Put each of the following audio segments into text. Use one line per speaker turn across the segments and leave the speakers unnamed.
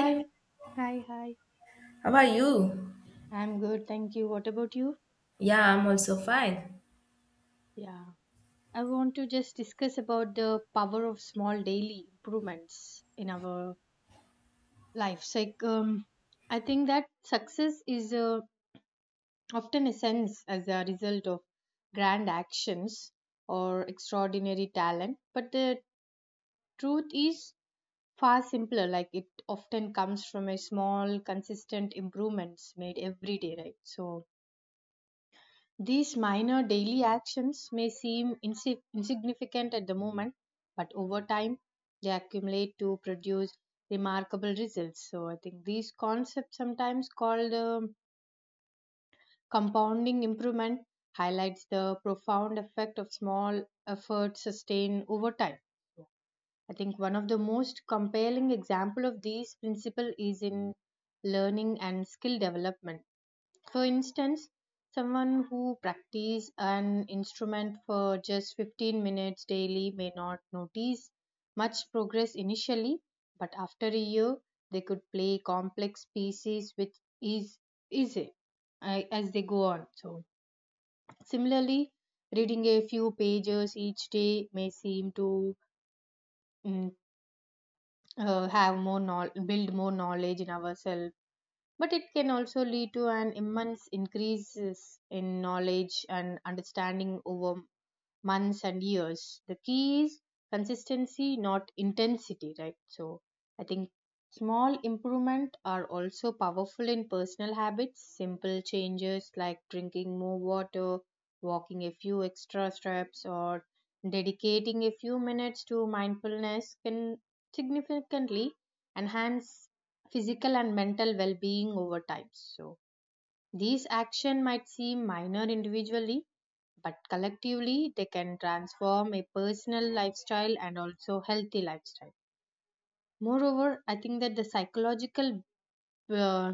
Hi, hi, hi.
how are you?
I'm good, thank you. What about you?
Yeah, I'm also fine.
Yeah, I want to just discuss about the power of small daily improvements in our lives. I think that success is often a sense as a result of grand actions or extraordinary talent, but the truth is far simpler. Like, it often comes from a small, consistent improvements made every day, right? So these minor daily actions may seem insignificant at the moment, but over time they accumulate to produce remarkable results. So, I think these concepts, sometimes called compounding improvement, highlights the profound effect of small efforts sustained over time. I think one of the most compelling example of these principle is in learning and skill development for instance, someone who practices an instrument for just 15 minutes daily may not notice much progress initially, but after a year, they could play complex pieces with ease, easy as they go on. So, similarly, reading a few pages each day may seem to mm, have build more knowledge in ourselves, but it can also lead to an immense increases in knowledge and understanding over months and years. The key is consistency, not intensity, right? So I think small improvement are also powerful in personal habits. Simple changes like drinking more water, walking a few extra steps, or dedicating a few minutes to mindfulness can significantly enhance physical and mental well-being over time. So these action might seem minor individually but collectively they can transform a personal lifestyle and also healthy lifestyle. Moreover, I think that the psychological uh,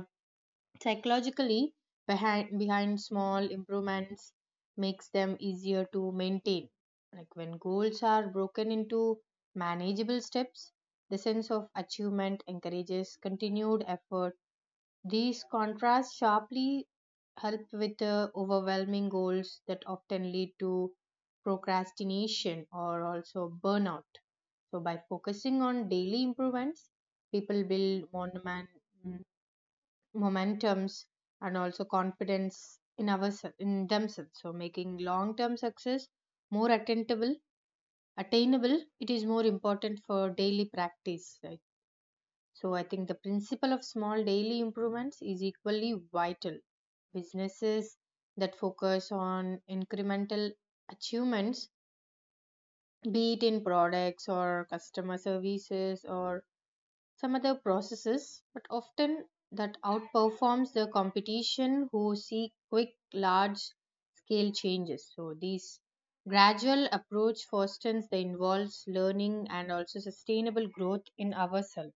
psychologically behind small improvements makes them easier to maintain. Like, when goals are broken into manageable steps, the sense of achievement encourages continued effort. These contrasts sharply help with overwhelming goals that often lead to procrastination or also burnout. So, by focusing on daily improvements, people build mm, momentums and also confidence in our in themselves. So, making long-term success more attainable. Attainable. It is more important for daily practice. I So I think the principle of small daily improvements is equally vital. Businesses that focus on incremental achievements, be it in products or customer services or some other processes, but often that outperforms the competition who seek quick, large scale changes. So these gradual approach fosters the involves learning and also sustainable growth in ourselves.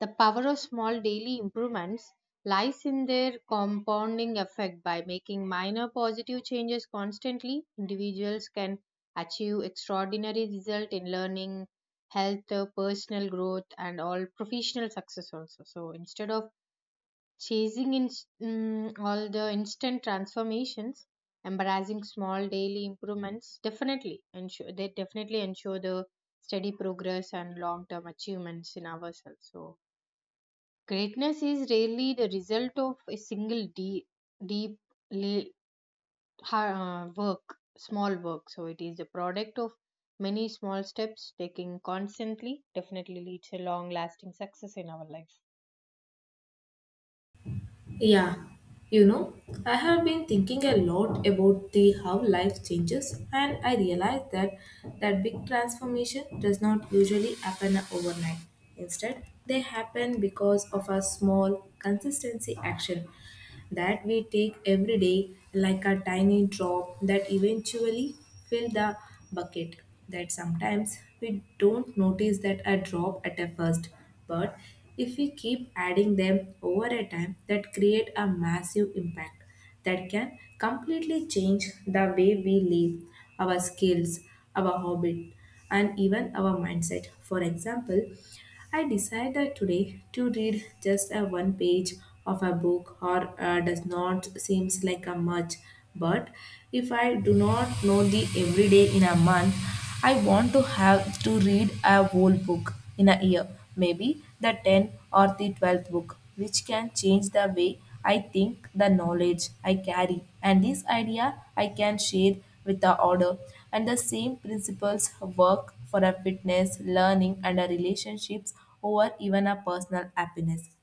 The power of small daily improvements lies in their compounding effect by making minor positive changes constantly. Individuals can achieve extraordinary results in learning, health, personal growth, and all professional success also. So instead of chasing in, all the instant transformations, embracing small daily improvements definitely ensure the steady progress and long term achievements in ourselves. So greatness is rarely the result of a single deep la- work, small work. So it is the product of many small steps taken constantly. Definitely leads a long lasting success in our life.
Yeah, you know, I have been thinking a lot about the how life changes, and I realized that big transformation does not usually happen overnight. Instead, they happen because of a small consistency action that we take every day, like a tiny drop that eventually fill the bucket, that sometimes we don't notice that a drop at a first, but if we keep adding them over a time, that create a massive impact that can completely change the way we live, our skills, our hobby, and even our mindset. For example, I decided today to read just a one page of a book, or does not seems like a much, but if I do not know the everyday in a month, I want to have to read a whole book in a year, maybe the tenth or the 12th book, which can change the way I think, the knowledge I carry, and this idea I can share with the order. And the same principles work for a fitness, learning, and a relationships over even a personal happiness.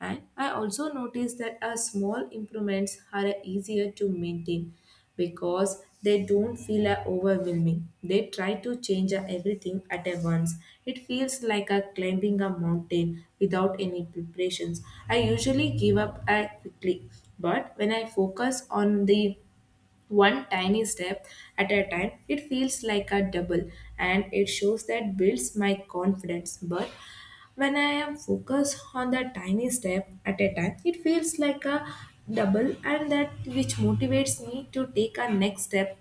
And I also noticed that our small improvements are easier to maintain because they don't feel overwhelming. They try to change everything at a once. It feels like a climbing a mountain without any preparations. I usually give up quickly, but when I focus on the one tiny step at a time, it feels like a double, and it shows that builds my confidence. But when I am focused on the tiny step at a time, it feels like a double, and that which motivates me to take a next step,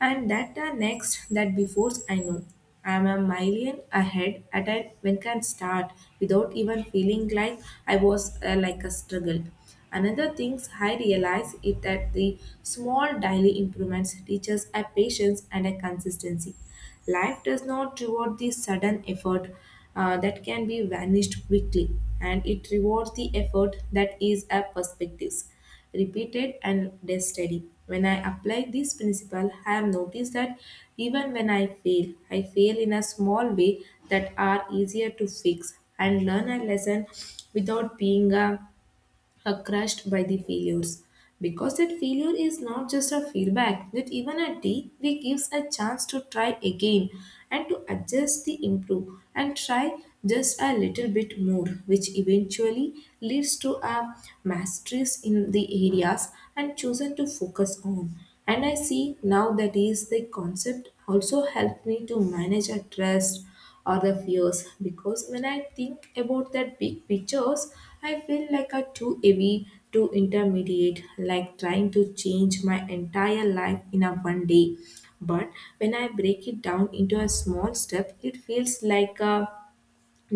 and that are next, that before I know, I'm a million ahead at a when can start without even feeling like I was like a struggle. Another things I realize is that the small daily improvements teaches a patience and a consistency. Life does not reward the sudden effort that can be vanished quickly, and it rewards the effort that is a perspectives repeated and less steady. When I apply this principle, I have noticed that even when I fail in a small way that are easier to fix and learn a lesson without being a are crushed by the failures. Because that failure is not just a feedback, that even a day, we gives a chance to try again and to adjust the improve and try just a little bit more, which eventually leads to a masteries in the areas and chosen to focus on. And I see now that is the concept also helped me to manage a trust or the fears, because when I think about that big pictures, I feel like a too heavy, too intermediate, like trying to change my entire life in a one day. But when I break it down into a small step, it feels like a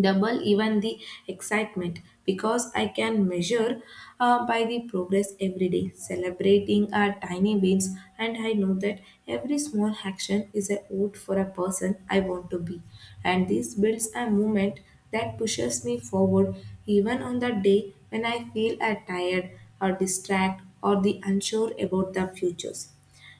double, even the excitement, because I can measure by the progress every day, celebrating our tiny wins, and I know that every small action is a vote for a person I want to be, and this builds a movement that pushes me forward, even on the day when I feel tired or distracted or the unsure about the futures.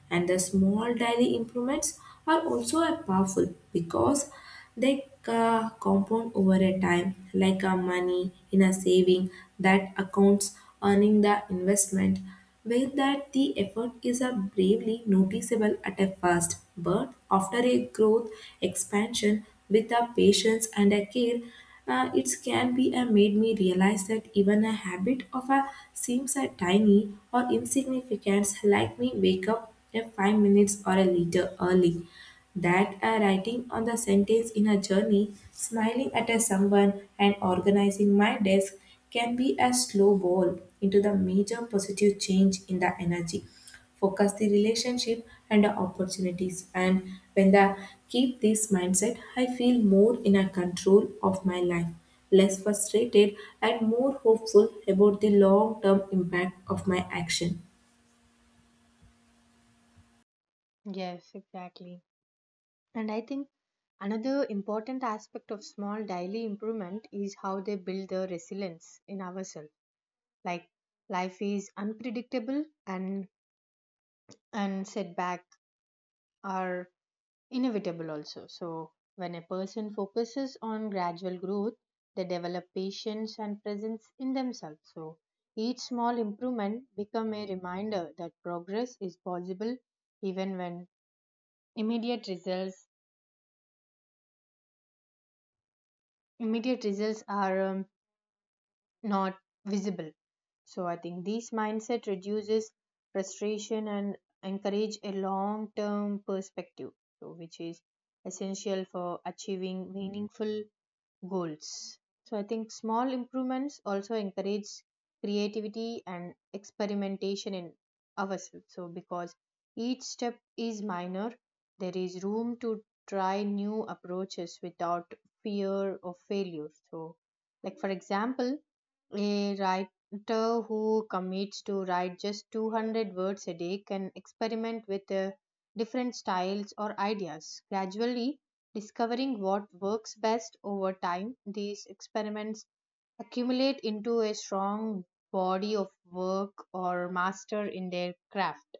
And the small daily improvements are also a powerful because they compound over a time, like a money in a saving that accounts earning the investment. Where that the effort is a bravely noticeable at a first, but after a growth expansion with a patience and a care, it can be made me realize that even a habit of a seems a tiny or insignificant, like me wake up a 5 minutes or a liter early, that a writing on the sentence in a journey, smiling at a someone, and organizing my desk can be a slow ball into the major positive change in the energy. Focus the relationship and the opportunities, and when I keep this mindset, I feel more in a control of my life, less frustrated, and more hopeful about the long term impact of my action.
Yes, exactly. And I think another important aspect of small daily improvement is how they build the resilience in ourselves. Like, life is unpredictable and setback are inevitable also. So, when a person focuses on gradual growth, they develop patience and presence in themselves. So, each small improvement become a reminder that progress is possible even when immediate results immediate results are not visible. So I think this mindset reduces frustration and encourage a long term perspective, so which is essential for achieving meaningful goals. So I think small improvements also encourage creativity and experimentation in ourselves. So because each step is minor, there is room to try new approaches without fear of failure. So, like, for example, a writer who commits to write just 200 words a day can experiment with different styles or ideas, gradually discovering what works best over time. These experiments accumulate into a strong body of work or master in their craft.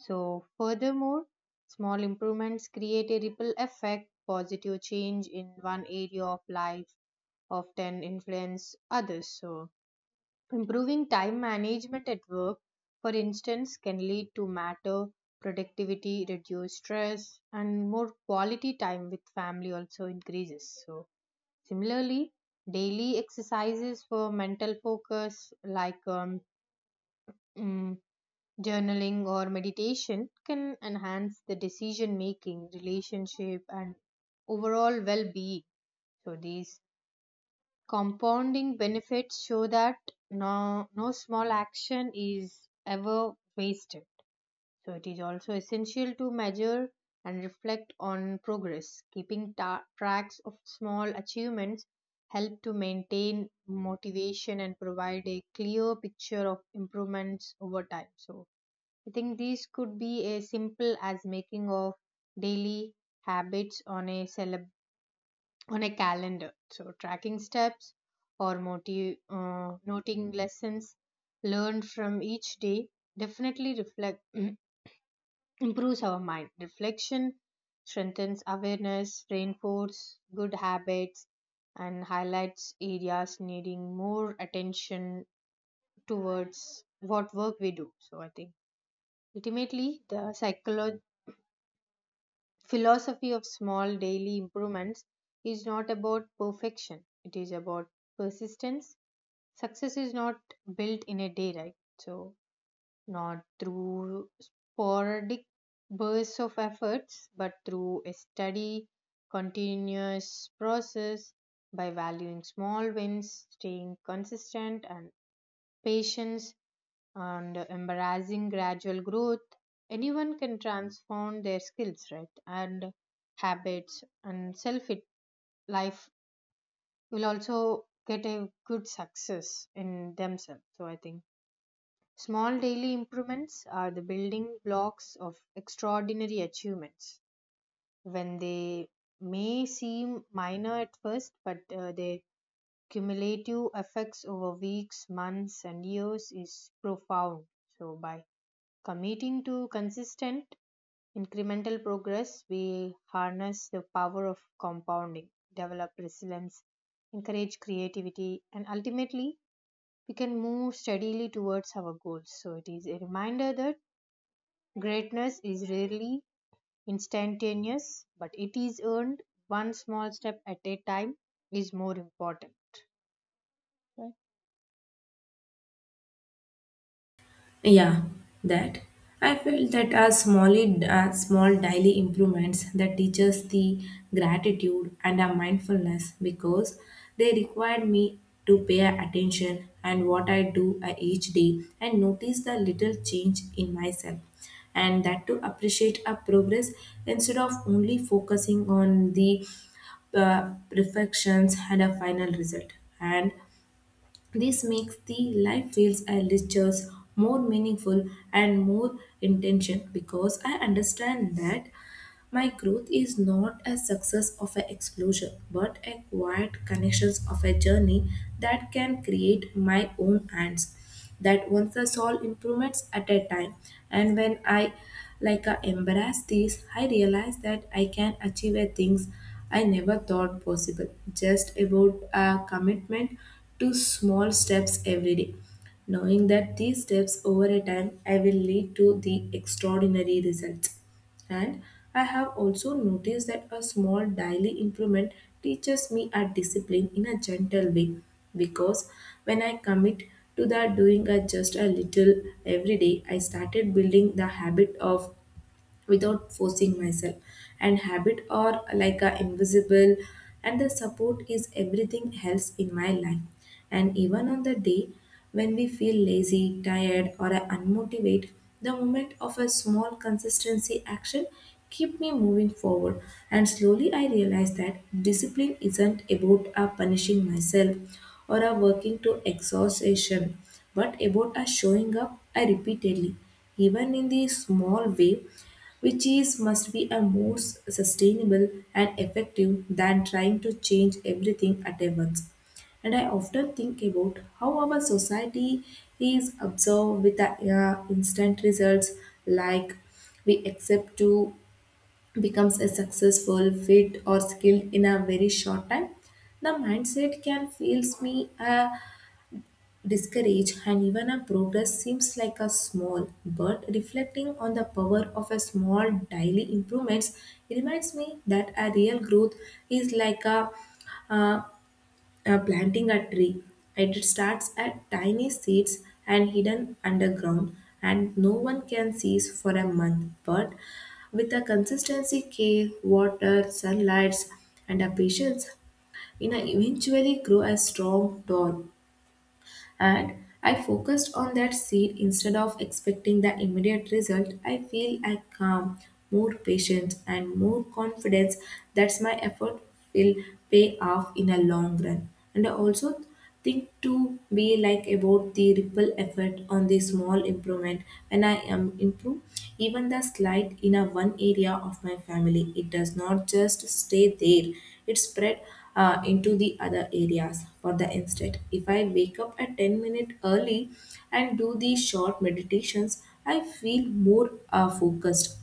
So, furthermore, small improvements create a ripple effect, positive change in one area of life often influence others. So, improving time management at work, for instance, can lead to matter productivity, reduce stress, and more quality time with family also increases. So, similarly, daily exercises for mental focus, like mm, journaling or meditation, can enhance the decision making, relationship, and overall well being. So, these compounding benefits show that no small action is ever wasted. So, it is also essential to measure and reflect on progress. Keeping tracks of small achievements help to maintain motivation and provide a clear picture of improvements over time. So, I think these could be as simple as making of daily habits on a celebrity on a calendar. So, tracking steps or noting lessons learned from each day definitely reflect improves our mind. Reflection strengthens awareness, reinforces good habits, and highlights areas needing more attention towards what work we do. So, I think ultimately the psychology philosophy of small daily improvements is not about perfection, it is about persistence. Success is not built in a day, right? So not through sporadic bursts of efforts but through a steady continuous process. By valuing small wins, staying consistent, and patience, and embarrassing gradual growth, anyone can transform their skills, right, and habits and self. It life will also get a good success in themselves. So I think small daily improvements are the building blocks of extraordinary achievements. When they may seem minor at first, but their cumulative effects over weeks, months, and years is profound. So by committing to consistent incremental progress, we harness the power of compounding, develop resilience, encourage creativity, and ultimately we can move steadily towards our goals. So, it is a reminder that greatness is rarely instantaneous, but it is earned one small step at a time is more important. Right?
Yeah, that. I felt that as as small daily improvements that teaches the gratitude and a mindfulness, because they required me to pay attention and what I do each day, and notice the little change in myself, and that to appreciate a progress instead of only focusing on the perfections and a final result. And this makes the life feels I lectures more meaningful and more intention, because I understand that my growth is not a success of an explosion, but a quiet connections of a journey that can create my own hands. That once I solve improvements at a time, and when I embrace these, I realize that I can achieve a things I never thought possible. Just about a commitment to small steps every day, knowing that these steps over a time I will lead to the extraordinary results. And I have also noticed that a small daily improvement teaches me a discipline in a gentle way, because when I commit to that doing a just a little every day, I started building the habit of without forcing myself, and habit are like a invisible and the support is everything else in my life, and even on the day when we feel lazy tired or unmotivated, the moment of a small consistency action keep me moving forward. And slowly I realize that discipline isn't about a punishing myself or a working to exhaustion, but about a showing up I repeatedly, even in the small way, which is must be a more sustainable and effective than trying to change everything at once. And I often think about how our society is observed with the instant results, like we accept to becomes a successful, fit, or skilled in a very short time. The mindset can feels me a discourage, and even a progress seems like a small, but reflecting on the power of a small daily improvements, it reminds me that a real growth is like uh, planting a tree. It starts at tiny seeds and hidden underground, and no one can see for a month, but with a consistency care water sunlight and a patience, it eventually grow a strong tall, and I focused on that seed instead of expecting the immediate result, I feel I calm, more patience, and more confidence that my effort will pay off in a long run. And I also think to be like about the ripple effect on the small improvement, when I am improve even the slight in a one area of my family, it does not just stay there, it spread into the other areas. For the instead, if I wake up at 10 minutes early and do these short meditations, I feel more focused,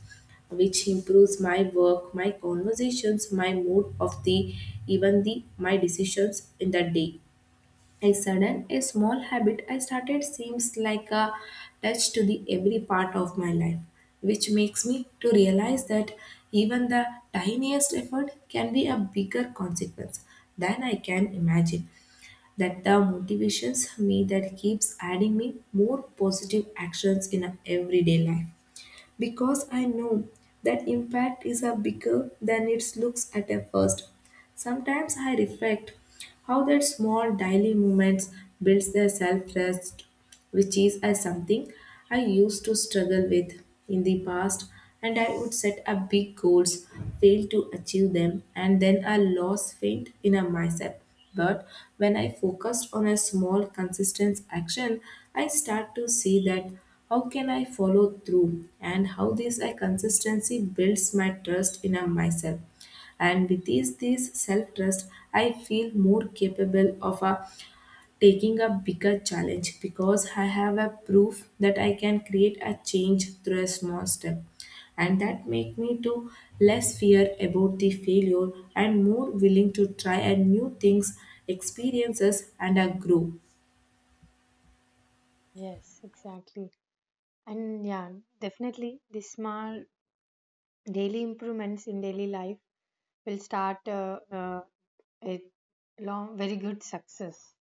which improves my work, my conversations, my mood of the even the my decisions in the day. A sudden, a small habit I started seems like a touch to the every part of my life, which makes me to realize that even the tiniest effort can be a bigger consequence than I can imagine. That the motivations me that keeps adding me more positive actions in a everyday life, because I know that impact is a bigger than it looks at a first. Sometimes I reflect how that small daily movements builds their self-trust, which is as something I used to struggle with in the past, and I would set up big goals, fail to achieve them, and then I lost faith in a myself. But when I focused on a small consistent action, I start to see that how can I follow through and how this a consistency builds my trust in a myself, and with this self trust I feel more capable of a taking a bigger challenge because I have a proof that I can create a change through a small step. And that make me to less fear about the failure and more willing to try a new things experiences and a grow.
Yes, exactly. And yeah, definitely the small daily improvements in daily life will start a long, very good success.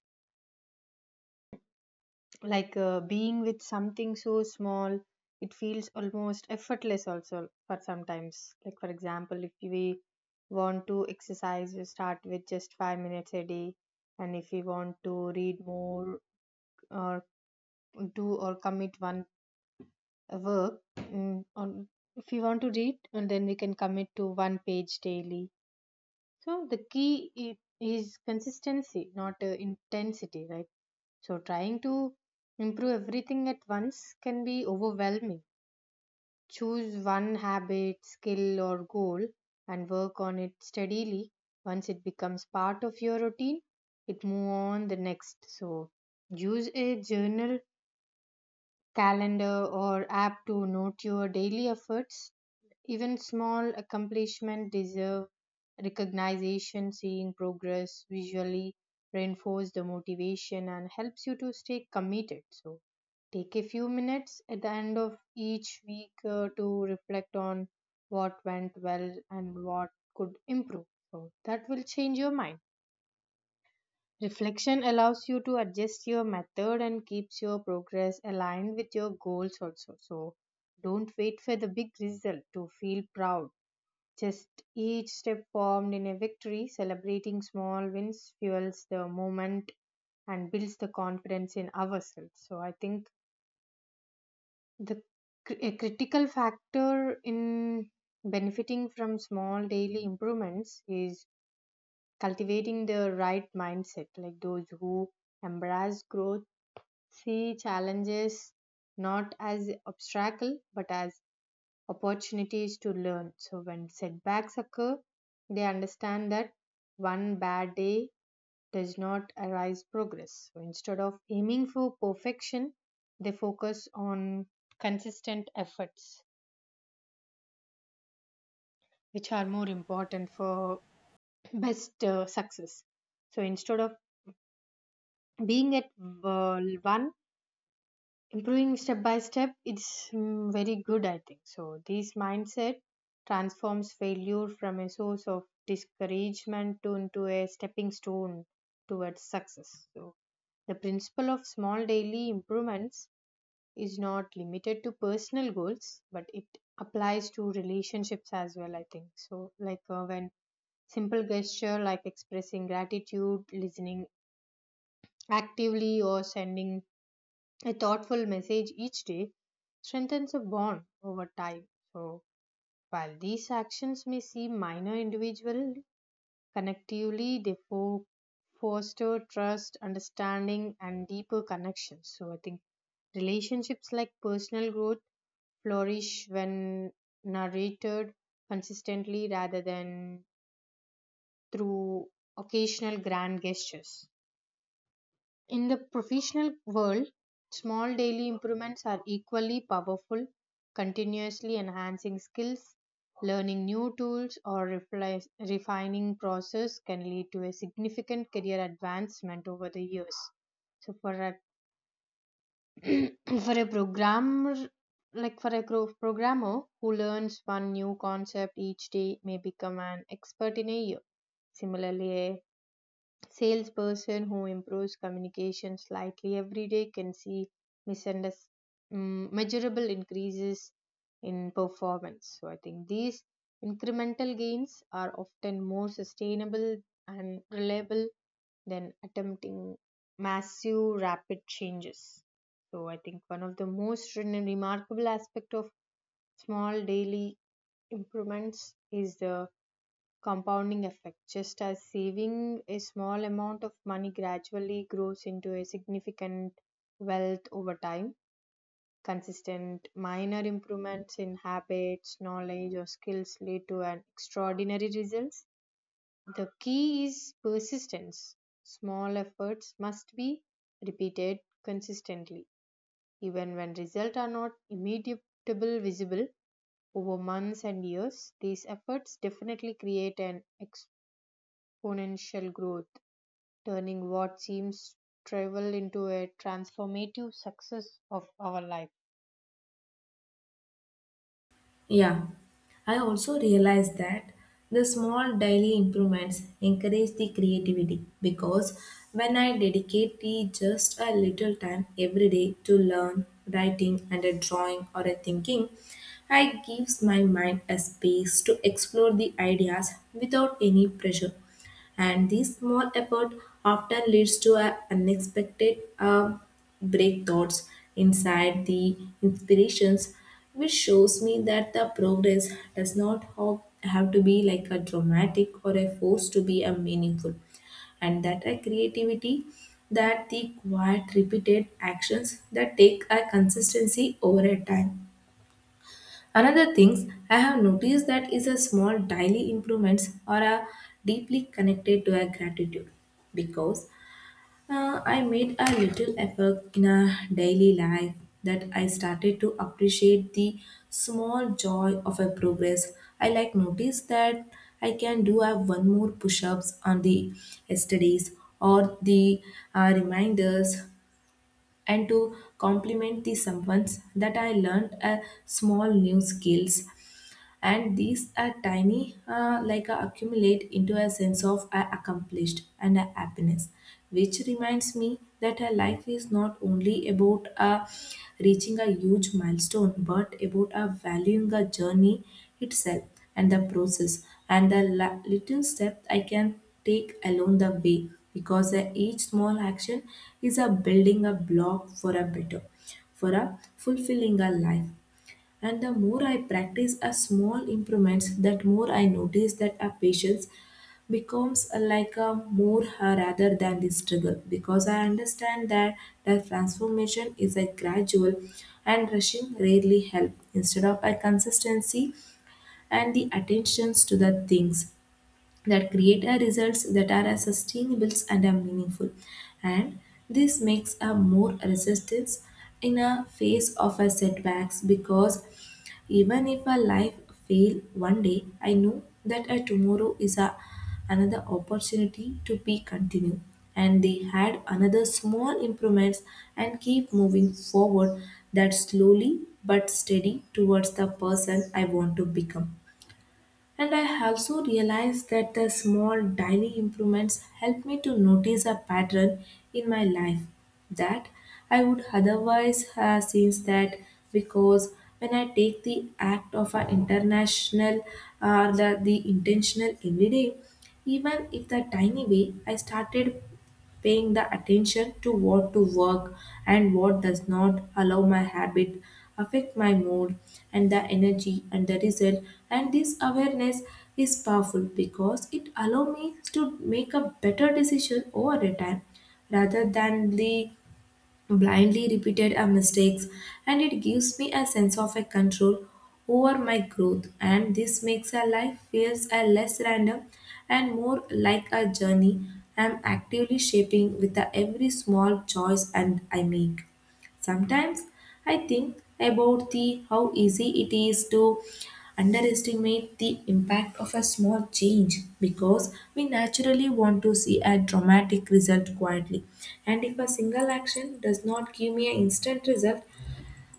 Like, being with something so small, it feels almost effortless also for sometimes. Like, for example, if we want to exercise, we start with just 5 minutes a day. And if we want to read more or do or commit one work, if we want to read, and then we can commit to one page daily. So the key i- is consistency, not intensity, right? So trying to improve everything at once can be overwhelming. Choose one habit, skill, or goal and work on it steadily. Once it becomes part of your routine, it move on the next. So use a journal, calendar, or app to note your daily efforts. Even small accomplishments deserve recognition. Seeing progress visually reinforces the motivation and helps you to stay committed. So, take a few minutes at the end of each week to reflect on what went well and what could improve. So, that will change your mind. Reflection allows you to adjust your method and keeps your progress aligned with your goals also. So, don't wait for the big result to feel proud, just each step formed in a victory, celebrating small wins fuels the moment and builds the confidence in ourselves. So I think the a critical factor in benefiting from small daily improvements is cultivating the right mindset. Like, those who embrace growth see challenges not as obstacle but as opportunities to learn. So when setbacks occur, they understand that one bad day does not arise progress. So instead of aiming for perfection, they focus on consistent efforts, which are more important for best success. So instead of being at one, improving step by step, it's very good, I think. So this mindset transforms failure from a source of discouragement to into a stepping stone towards success. So the principle of small daily improvements is not limited to personal goals but it applies to relationships as well, I think. So, like, when simple gesture like expressing gratitude, listening actively, or sending a thoughtful message each day strengthens a bond over time. So, while these actions may seem minor individually, collectively they foster trust, understanding, and deeper connections. So, I think relationships like personal growth flourish when narrated consistently rather than through occasional grand gestures. In the professional world, small daily improvements are equally powerful, continuously enhancing skills. Learning new tools or refining process can lead to a significant career advancement over the years. So for a for a programmer, like for a programmer who learns one new concept each day may become an expert in a year. Similarly, a salesperson who improves communication slightly every day can see misunderst- measurable increases in performance. So I think these incremental gains are often more sustainable and reliable than attempting massive rapid changes. So I think one of the most remarkable aspect of small daily improvements is the compounding effect, just as saving a small amount of money gradually grows into a significant wealth over time. Consistent minor improvements in habits, knowledge, or skills lead to an extraordinary results. The key is persistence. Small efforts must be repeated consistently, even when results are not immediately visible over months and years. These efforts definitely create an exponential growth, turning what seems trivial into a transformative success of our life.
Yeah, I also realized that the small daily improvements encourage the creativity because when I dedicate the just a little time every day to learn writing and a drawing or a thinking, I gives my mind a space to explore the ideas without any pressure, and this small effort often leads to a unexpected breakthroughs inside the inspirations, which shows me that the progress does not have to be like a dramatic or a force to be a meaningful, and that a creativity that the quiet repeated actions that take a consistency over a time. Another things I have noticed that is a small daily improvements or a deeply connected to a gratitude, because I made a little effort in a daily life that I started to appreciate the small joy of a progress. I like notice that I can do a one more push-ups on the yesterday's or the reminders, and to compliment the someone's that I learned a small new skills, and these are tiny like accumulate into a sense of I accomplished and a happiness, which reminds me that a life is not only about reaching a huge milestone, but about valuing the journey itself and the process and the little step I can take along the way, because each small action is a building a block for a better, for a fulfilling a life. And the more I practice a small improvements, that more I notice that a patience becomes like a more, rather than the struggle, because I understand that the transformation is a gradual and rushing rarely help instead of a consistency and the attentions to the things that create a results that are as sustainable and are meaningful. And this makes a more resistance in a face of a setbacks, because even if a life fail one day, I know that a tomorrow is a another opportunity to be continue, and they had another small improvements and keep moving forward, that slowly but steady towards the person I want to become. And I also realized that the small daily improvements help me to notice a pattern in my life that I would otherwise have seen that, because when I take the act of an international or the intentional every day, even if the tiny way, I started paying the attention to what to work and what does not allow my habit affect my mood and the energy and the result. And this awareness is powerful because it allow me to make a better decision over a time rather than the blindly repeated our mistakes, and it gives me a sense of a control over my growth, and this makes our life feels a less random and more like a journey I'm actively shaping with the every small choice and I make. Sometimes I think about the how easy it is to underestimate the impact of a small change, because we naturally want to see a dramatic result quietly, and if a single action does not give me an instant result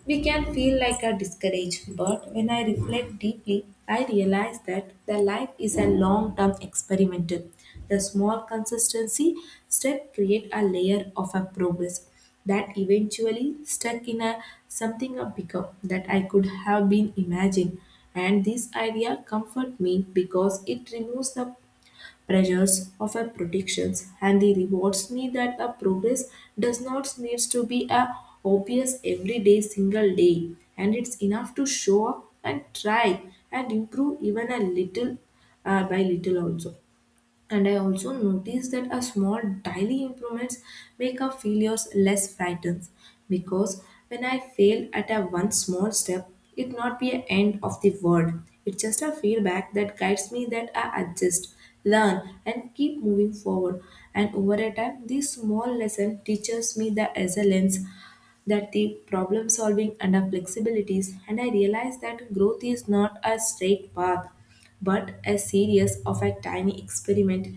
we can feel like a discouraged. But when I reflect deeply, I realize that the life is a long-term experimental. The small consistency step create a layer of a progress that eventually stuck in a something a bigger that I could have been imagined. And this idea comfort me because it removes the pressures of our predictions and the rewards me that the progress does not needs to be a obvious every day single day, and it's enough to show up and try and improve even a little, by little also. And I also noticed that a small daily improvements make our failures less frightened, because when I fail at a one small step, it not be an end of the world. It's just a feedback that guides me that I adjust, learn, and keep moving forward. And over a time, this small lesson teaches me the resilience, that the problem solving and our flexibilities, and I realized that growth is not a straight path but a series of a tiny experiment,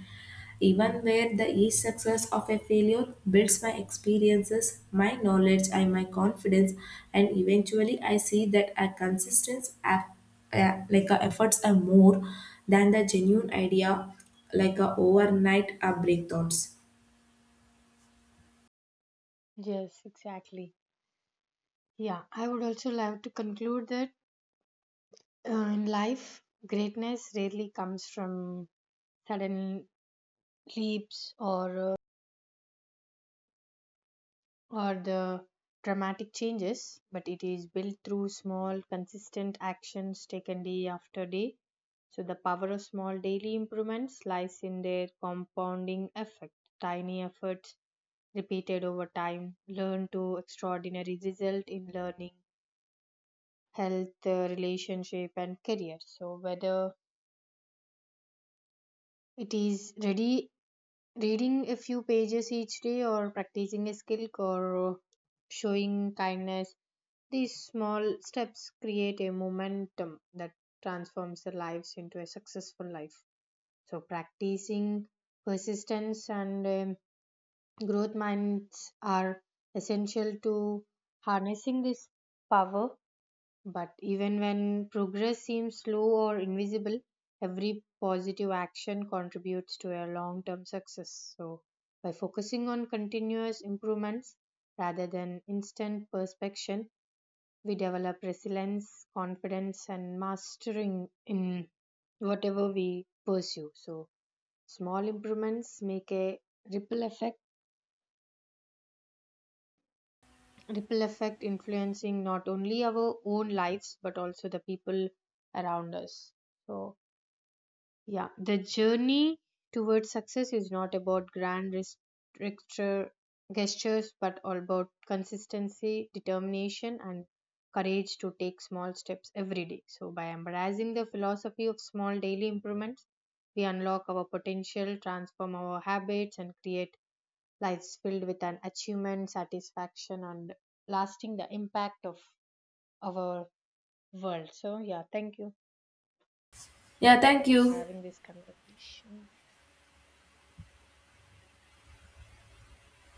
even where the each success of a failure builds my experiences, my knowledge, and my confidence. And eventually I see that a consistent like efforts are more than the genuine idea, like a overnight breakthroughs.
Yes, exactly. Yeah, I would also love to conclude that in life, greatness rarely comes from sudden leaps or the dramatic changes, but it is built through small, consistent actions taken day after day. So the power of small daily improvements lies in their compounding effect. Tiny efforts repeated over time, learn to extraordinary result in learning, health, relationship, and career. So whether it is ready reading a few pages each day or practicing a skill or showing kindness, these small steps create a momentum that transforms the lives into a successful life. So practicing persistence and growth minds are essential to harnessing this power, but even when progress seems slow or invisible, every positive action contributes to a long term success. So, by focusing on continuous improvements rather than instant perfection, we develop resilience, confidence, and mastering in whatever we pursue. So, small improvements make a ripple effect ripple effect influencing not only our own lives but also the people around us. So yeah, the journey towards success is not about grand gesture gestures but all about consistency, determination, and courage to take small steps every day. So by embracing the philosophy of small daily improvements, we unlock our potential, transform our habits, and create lives filled with an achievement, satisfaction, and lasting the impact of our world. So, yeah, thank you
Yeah, thank
for
you.
having this conversation.